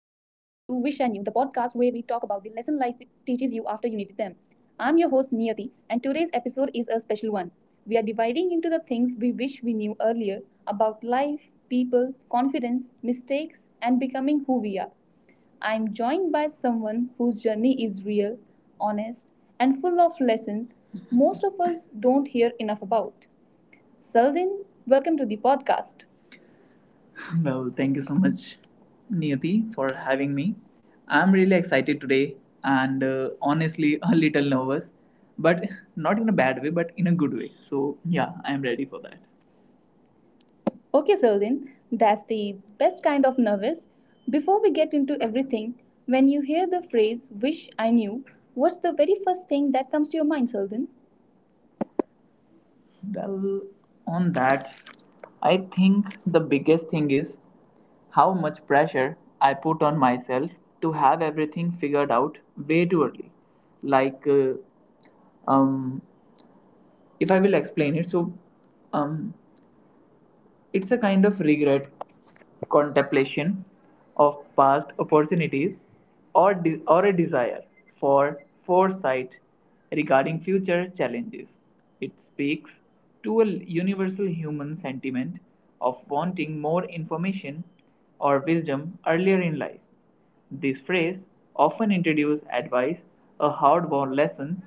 life teaches you after you needed them. I'm your host Niyati, and today's episode is a special one. We are dividing into the things we wish we knew earlier about life, people, confidence, mistakes, and becoming who we are. I'm joined by someone whose journey is real, honest, and full of lessons most of us don't hear enough about. Saldin, welcome to the podcast. Well, thank you so much, Niyati, for having me. I'm really excited today and honestly a little nervous, but not in a bad way, but in a good way. So, yeah, I'm ready for that. Okay, Zeldin, that's the best kind of nervous. Before we get into everything, when you hear the phrase wish I knew, what's the very first thing that comes to your mind, Zeldin? Well, on that, I think the biggest thing is how much pressure I put on myself to have everything figured out way too early. Like, um, if I will explain it, so um, it's a kind of regret, contemplation of past opportunities, or a desire for foresight regarding future challenges. It speaks to a universal human sentiment of wanting more information or wisdom earlier in life. This phrase often introduces advice, a hard-won lesson,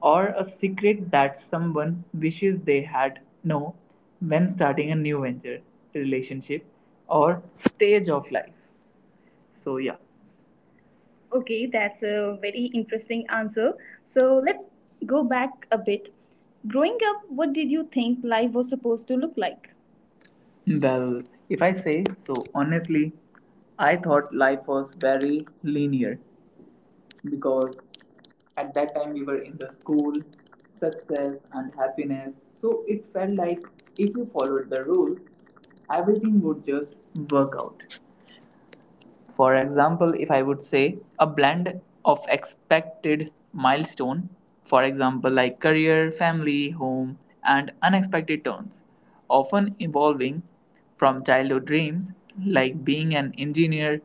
or a secret that someone wishes they had known when starting a new venture, relationship, or stage of life. So yeah. Okay, that's a very interesting answer. So let's go back a bit. Growing up, what did you think life was supposed to look like? Well, if I say so honestly, I thought life was very linear, because at that time we were in the school success and happiness, so it felt like if you followed the rules everything would just work out. For example, if I would say, a blend of expected milestone, for example, like career, family, home, and unexpected turns, often evolving from childhood dreams like being an engineer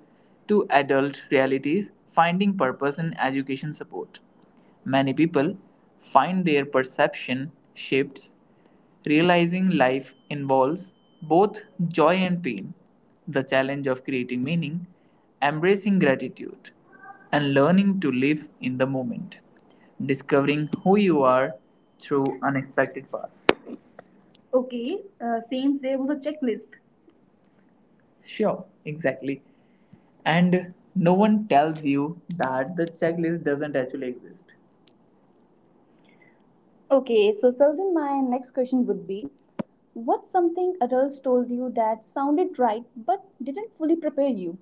to adult realities, finding purpose in education support. Many people find their perception shifts, realizing life involves both joy and pain, the challenge of creating meaning, embracing gratitude, and learning to live in the moment, discovering who you are through unexpected paths. Okay, seems there was a checklist. Sure, exactly. And no one tells you that the checklist doesn't actually exist. Okay, so Sultan, my next question would be, what's something adults told you that sounded right but didn't fully prepare you?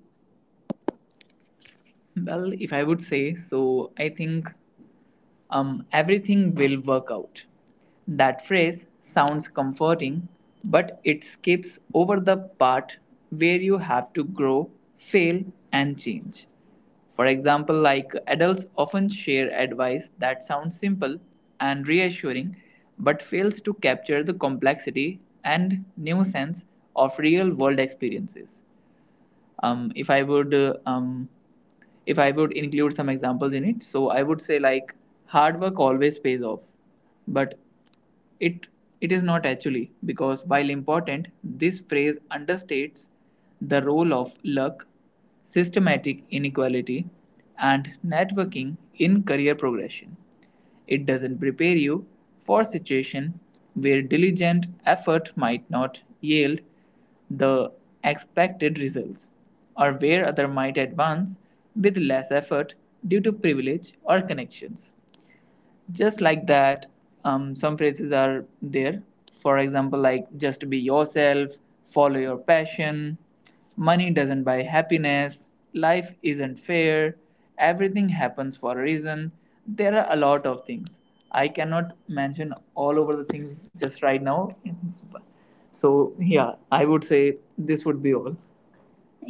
Well, if I would say so, I think everything will work out. That phrase sounds comforting, but it skips over the part where you have to grow, fail, and change. For example, like adults often share advice that sounds simple and reassuring but fails to capture the complexity and nuisance of real world experiences. um, if i would uh, um, if I would include some examples in it, so I would say, like, hard work always pays off, but it it is not actually, because while important, this phrase understates the role of luck, systematic inequality, and networking in career progression. It doesn't prepare you for situations where diligent effort might not yield the expected results, or where others might advance with less effort due to privilege or connections. Just like that, some phrases are there, for example, like just be yourself, follow your passion, money doesn't buy happiness, life isn't fair, everything happens for a reason. There are a lot of things, I cannot mention all over the things just right now. So yeah, I would say this would be all.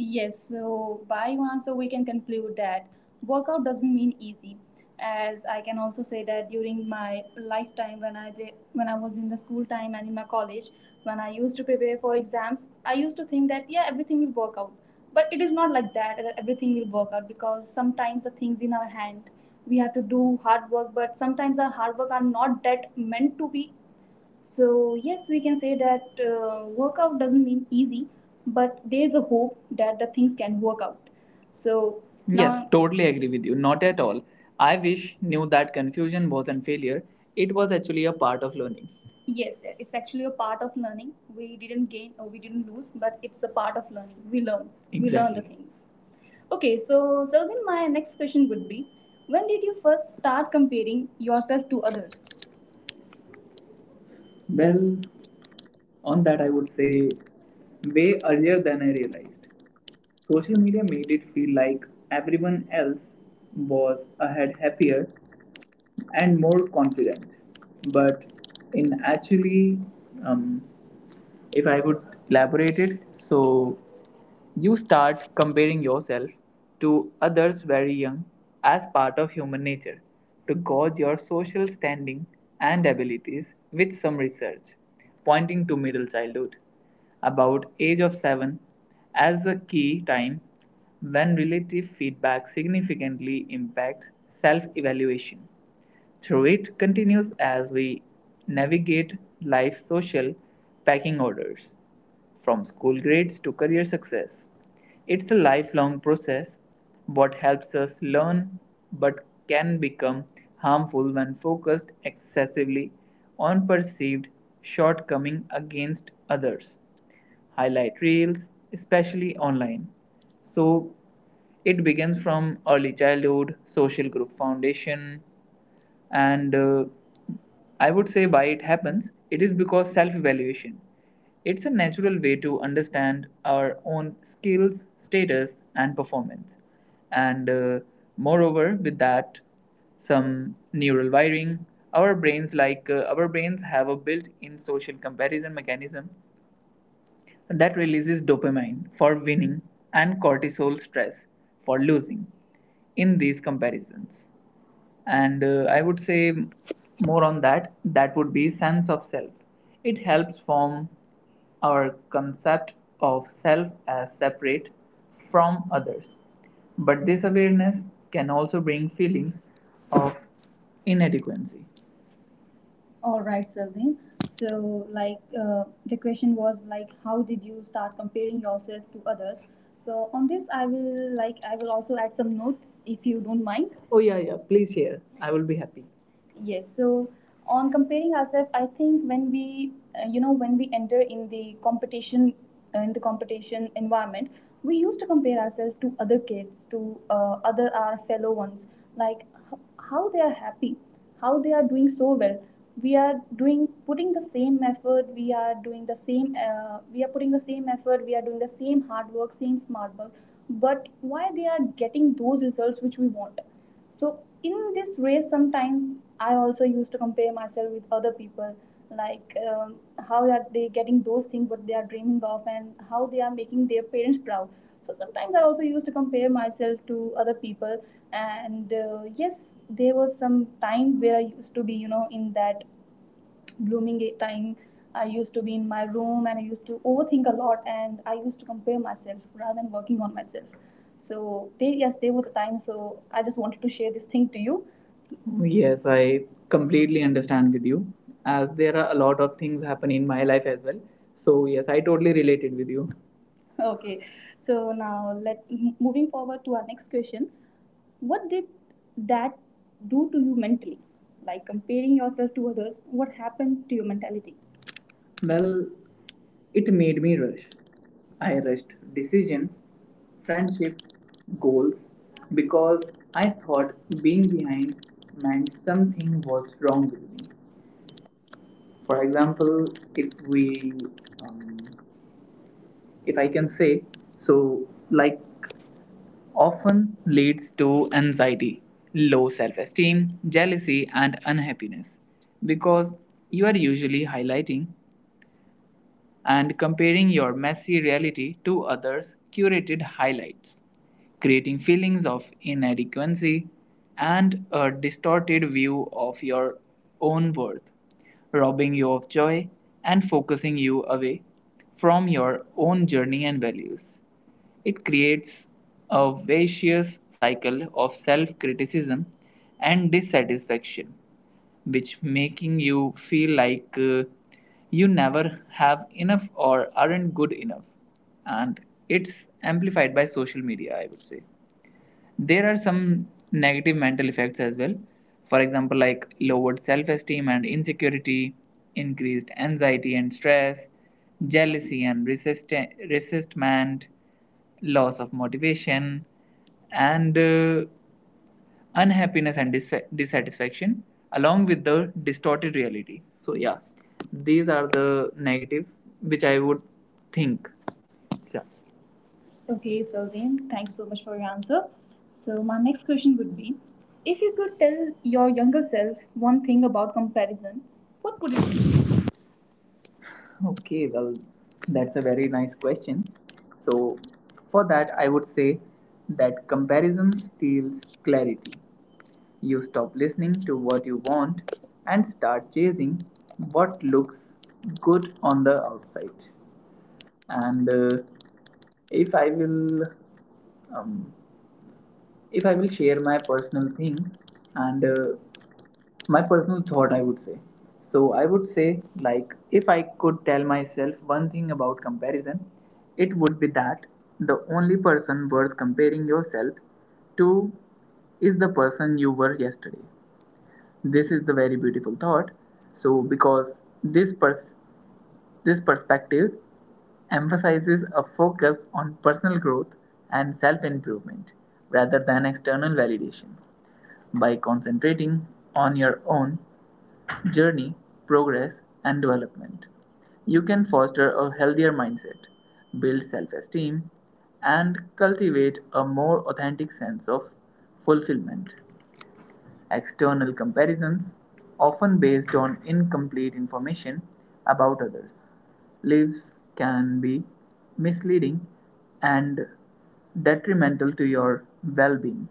Yes, so by one, so we can conclude that workout doesn't mean easy. As I can also say that during my lifetime, when I was in the school time and in my college, when I used to prepare for exams, I used to think that yeah, everything will work out. But it is not like that. That everything will work out, because sometimes the things in our hand, we have to do hard work. But sometimes our hard work are not that meant to be. So, yes, we can say that workout doesn't mean easy, but there's a hope that the things can work out. So, yes, now, totally agree with you. Not at all. I wish knew that confusion wasn't failure. It was actually a part of learning. Yes, it's actually a part of learning. We didn't gain or we didn't lose, but it's a part of learning. We learn the, Exactly, things. Okay, so, then my next question would be, when did you first start comparing yourself to others? Well, on that I would say way earlier than I realized. Social media made it feel like everyone else was ahead, happier, and more confident. But in actually, um, if I would elaborate it, so you start comparing yourself to others very young, as part of human nature to gauge your social standing and abilities, with some research pointing to middle childhood, about age of 7, as a key time when relative feedback significantly impacts self evaluation. Through it continues as we navigate life's social packing orders, from school grades to career success. It's a lifelong process. What helps us learn but can become harmful when focused excessively on perceived shortcomings against others' highlight reels, especially online. So it begins from early childhood, social group foundation, and I would say why it happens. It is because self evaluation. It's a natural way to understand our own skills, status, and performance. And moreover, with that, some neural wiring. Our brains, have a built in social comparison mechanism that releases dopamine for winning and cortisol stress for losing in these comparisons. And I would say more on that, that would be sense of self. It helps form our concept of self as separate from others, but this awareness can also bring feelings of inadequacy. All right, Selvin. So, like, the question was, like, how did you start comparing yourself to others? So, on this, I will also add some note, if you don't mind. Oh, yeah, yeah. Please share. I will be happy. Yes. So on comparing ourselves, I think when we enter in the competition environment, we used to compare ourselves to other kids, to other our fellow ones, like how they are happy, how they are doing so well. We are doing putting the same effort. We are doing the same. We are putting the same effort. We are doing the same hard work, same smart work. But why they are getting those results which we want? So in this race sometimes I also used to compare myself with other people, like how are they getting those things what they are dreaming of, and how they are making their parents proud. So sometimes I also used to compare myself to other people. And yes, there was some time where I used to be, in that blooming time, I used to be in my room and I used to overthink a lot and I used to compare myself rather than working on myself. So yes, there was a time, so I just wanted to share this thing to you. Yes, I completely understand with you, as there are a lot of things happen in my life as well. So yes, I totally related with you. Okay. So now moving forward to our next question. What did that do to you mentally? Like comparing yourself to others, what happened to your mentality? Well, it made me rush. I rushed decisions, friendships, goals, because I thought being behind meant something was wrong with me. For example, if we, um, if I can say, so, like, often leads to anxiety, low self-esteem, jealousy and unhappiness, because you are usually highlighting and comparing your messy reality to others' curated highlights, creating feelings of inadequacy and a distorted view of your own worth, robbing you of joy and focusing you away from your own journey and values. It creates a vicious cycle of self-criticism and dissatisfaction, which making you feel like you never have enough or aren't good enough, and it's amplified by social media. I would say there are some negative mental effects as well, for example, like lowered self-esteem and insecurity, increased anxiety and stress, jealousy and resistment, loss of motivation, and unhappiness and dissatisfaction, along with the distorted reality. So yeah, these are the negative which I would think, yeah. Okay, Sylvain, thank you so much for your answer. So, my next question would be, if you could tell your younger self one thing about comparison, what would it be? Okay, well, that's a very nice question. So, for that, I would say that comparison steals clarity. You stop listening to what you want and start chasing what looks good on the outside. And if I will um, if I will share my personal thing and my personal thought, I would say. So, I would say, like, if I could tell myself one thing about comparison, it would be that the only person worth comparing yourself to is the person you were yesterday. This is the very beautiful thought. So, because this pers- this perspective emphasizes a focus on personal growth and self improvement rather than external validation. By concentrating on your own journey, progress, and development, you can foster a healthier mindset, build self esteem, and cultivate a more authentic sense of fulfillment. External comparisons, often based on incomplete information about others' lives, can be misleading and detrimental to your well being.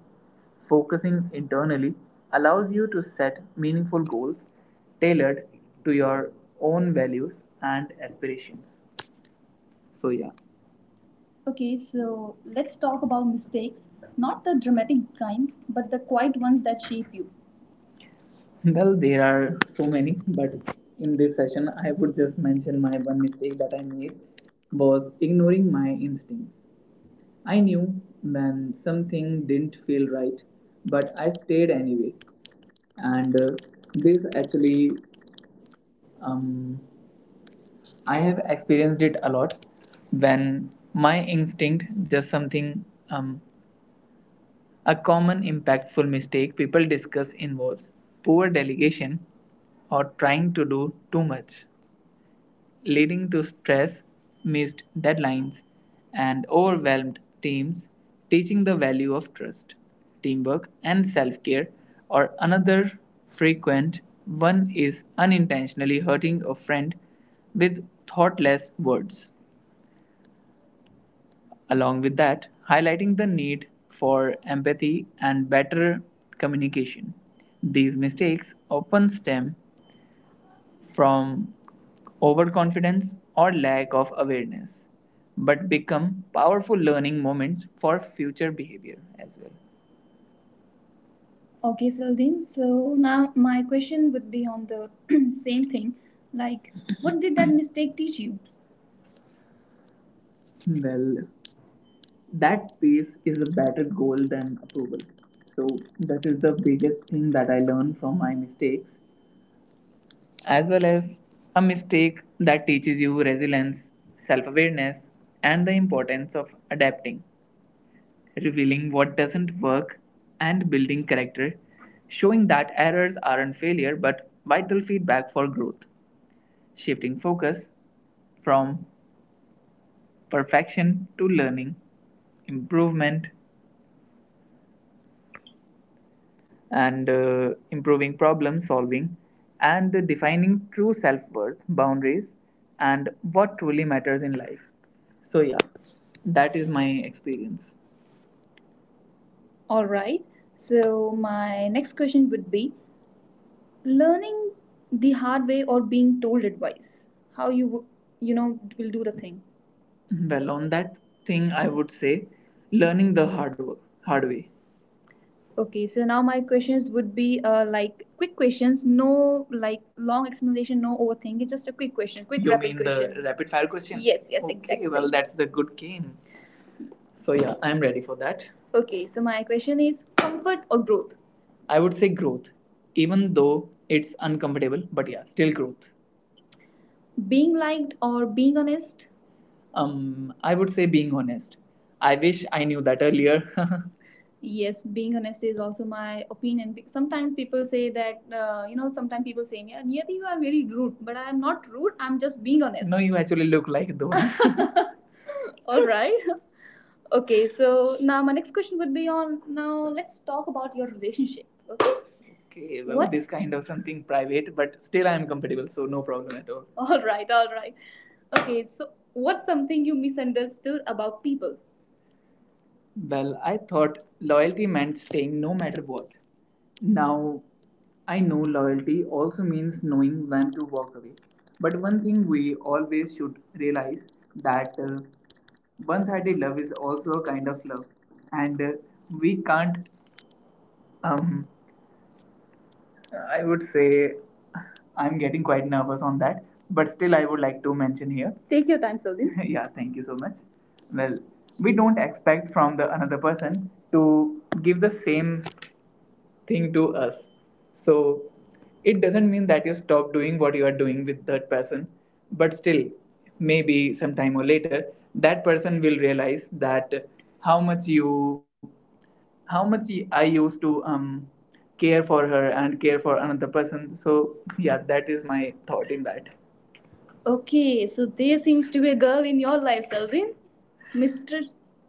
Focusing internally allows you to set meaningful goals tailored to your own values and aspirations. So, yeah. Okay, so let's talk about mistakes. Not the dramatic kind, but the quiet ones that shape you. Well, there are so many, but in this session, I would just mention my one mistake that I made was ignoring my instincts. I knew when something didn't feel right, but I stayed anyway. And this actually, um, I have experienced it a lot when my instinct, just something, a common impactful mistake people discuss involves poor delegation or trying to do too much, leading to stress, missed deadlines, and overwhelmed teams, teaching the value of trust, teamwork, and self care, or another frequent one is unintentionally hurting a friend with thoughtless words. Along with that, highlighting the need for empathy and better communication. These mistakes often stem from overconfidence or lack of awareness, but become powerful learning moments for future behavior as well. Okay, Saldin. So now my question would be on the same thing. Like, what did that mistake teach you? Well, that pace is a better goal than approval. So, that is the biggest thing that I learned from my mistakes, as well as a mistake that teaches you resilience, self awareness, and the importance of adapting, revealing what doesn't work, and building character, showing that errors aren't failure but vital feedback for growth, shifting focus from perfection to learning, improvement, and improving problem solving and defining true self-worth boundaries and what truly matters in life. So yeah, that is my experience. All right. So my next question would be learning the hard way or being told advice. How you know will do the thing. Well, on that thing, I would say learning the hard way. Okay, so now my questions would be like quick questions, no like long explanation, no overthinking, just a quick question, quick. You rapid mean question. The rapid fire question? Yes, yes, okay, exactly. Well, that's the good game. So, yeah, I'm ready for that. Okay, so my question is comfort or growth? I would say growth, even though it's uncomfortable, but yeah, still growth. Being liked or being honest? I would say being honest. I wish I knew that earlier. Yes, being honest is also my opinion. Sometimes people say that sometimes people say, yeah, Niyati, you are very rude, but I am not rude, I'm just being honest. No, you actually look like the one. All right. Okay, so now my next question would be on, now let's talk about your relationship. Okay. Okay, well, what? This kind of something private, but still I am compatible, so no problem at all. All right, all right. Okay, so what's something you misunderstood about people? Well, I thought loyalty meant staying no matter what. Now, I know loyalty also means knowing when to walk away. But one thing we always should realize that one-sided love is also a kind of love, and we can't, um, I would say I'm getting quite nervous on that, but still, I would like to mention here. Take your time, Saldin. Yeah, thank you so much. Well, we don't expect from the another person to give the same thing to us, so it doesn't mean that you stop doing what you are doing with that person, but still maybe sometime or later that person will realize that how much you how much I used to care for her and care for another person. So yeah, that is my thought in that. Okay, so there seems to be a girl in your life, Selvin. Mr.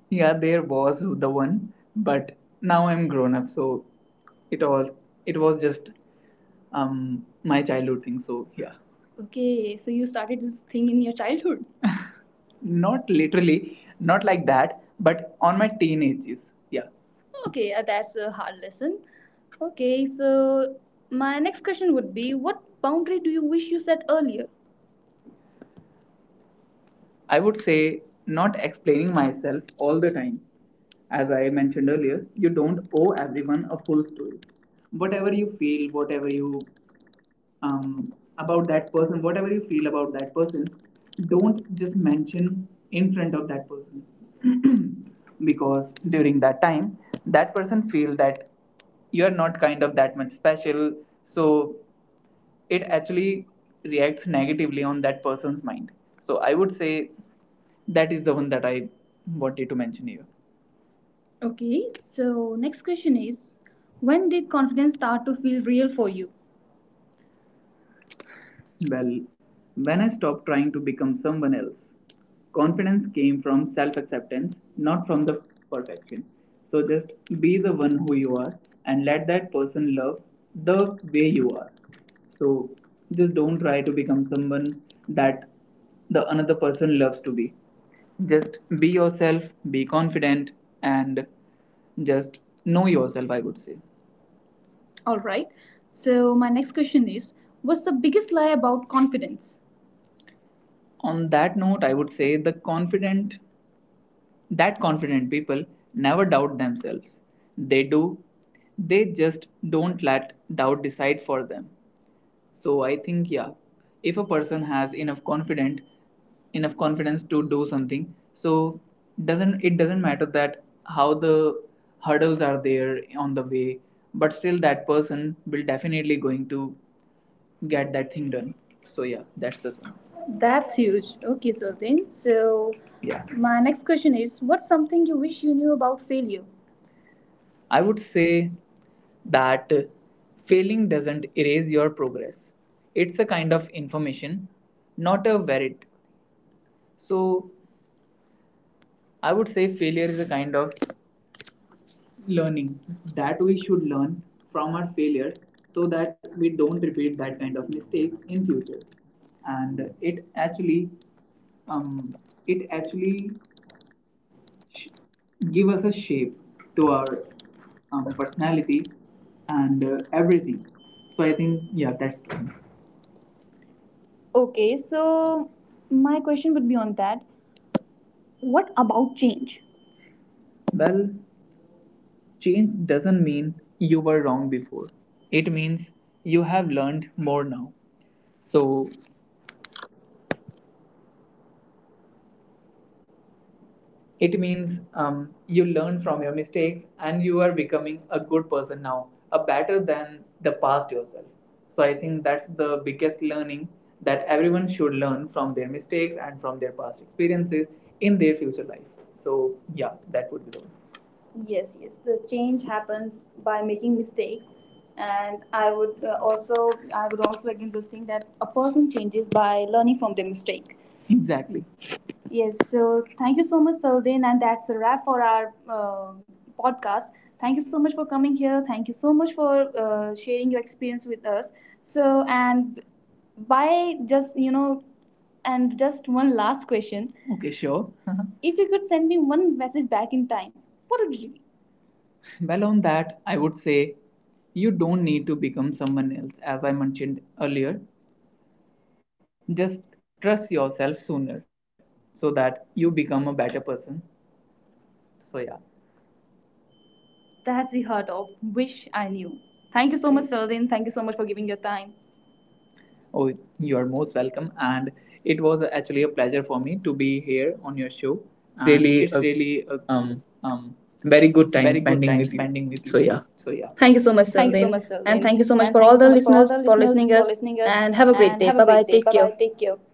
Yeah, there was the one, but now I'm grown up, so it all it was just my childhood thing. So yeah. Okay, so you started this thing in your childhood. Not literally, not like that, but on my teenagers. Yeah. Okay, that's a hard lesson. Okay, so my next question would be, what boundary do you wish you set earlier? I would say not explaining myself all the time. As I mentioned earlier, you don't owe everyone a full story. Whatever you feel, whatever you um, about that person, whatever you feel about that person, don't just mention in front of that person. Because during that time, that person feel that you're not kind of that much special. So it actually reacts negatively on that person's mind. So I would say that is the one that I wanted to mention here. Okay, so next question is, when did confidence start to feel real for you? Well, when I stopped trying to become someone else, confidence came from self acceptance, not from the perfection. So just be the one who you are and let that person love the way you are. So just don't try to become someone that the another person loves to be. Just be yourself, be confident, and just know yourself, I would say. All right. So, my next question is, what's the biggest lie about confidence? On that note, I would say the confident that confident people never doubt themselves. They do, they just don't let doubt decide for them. So I think, yeah, if a person has enough confident, enough confidence to do something, so doesn't it doesn't matter that how the hurdles are there on the way, but still that person will definitely going to get that thing done. So yeah, that's the thing. That's huge. Okay, Sultan. So, yeah, my next question is, what's something you wish you knew about failure? I would say that failing doesn't erase your progress. It's a kind of information, not a verdict. So I would say failure is a kind of learning that we should learn from our failure so that we don't repeat that kind of mistake in future. And it actually, um, it actually give us a shape to our personality and everything. So I think, yeah, that's the thing. Okay, so my question would be on that. What about change? Well, change doesn't mean you were wrong before. It means you have learned more now. So it means, you learn from your mistakes and you are becoming a good person now, a better than the past yourself. So I think that's the biggest learning, that everyone should learn from their mistakes and from their past experiences in their future life. So yeah, that would be the one. Yes, yes. The change happens by making mistakes, and I would also, I would also again this thing that a person changes by learning from their mistake. Exactly. Yes, so thank you so much, Saldin, and that's a wrap for our podcast. Thank you so much for coming here. Thank you so much for sharing your experience with us. So, and by just you know, and just one last question. Okay, sure. If you could send me one message back in time, what would it be? Well, on that, I would say you don't need to become someone else, as I mentioned earlier. Just trust yourself sooner so that you become a better person. So, yeah. That's the heart of Wish I Knew. Thank you so much, Sardin. Thank you so much for giving your time. Oh, you are most welcome. And it was actually a pleasure for me to be here on your show. And Really it's a really a, um, um, very good time very good spending time with you. spending with So you. yeah, So, yeah. Thank you so much, Thank you so Saldin. much, And Sardin. thank you so much And for thank all you the so much for listeners all the for listeners listening us. for listening us. And have a great And day. Bye have a bye. great day. Take Bye care. bye. Take care.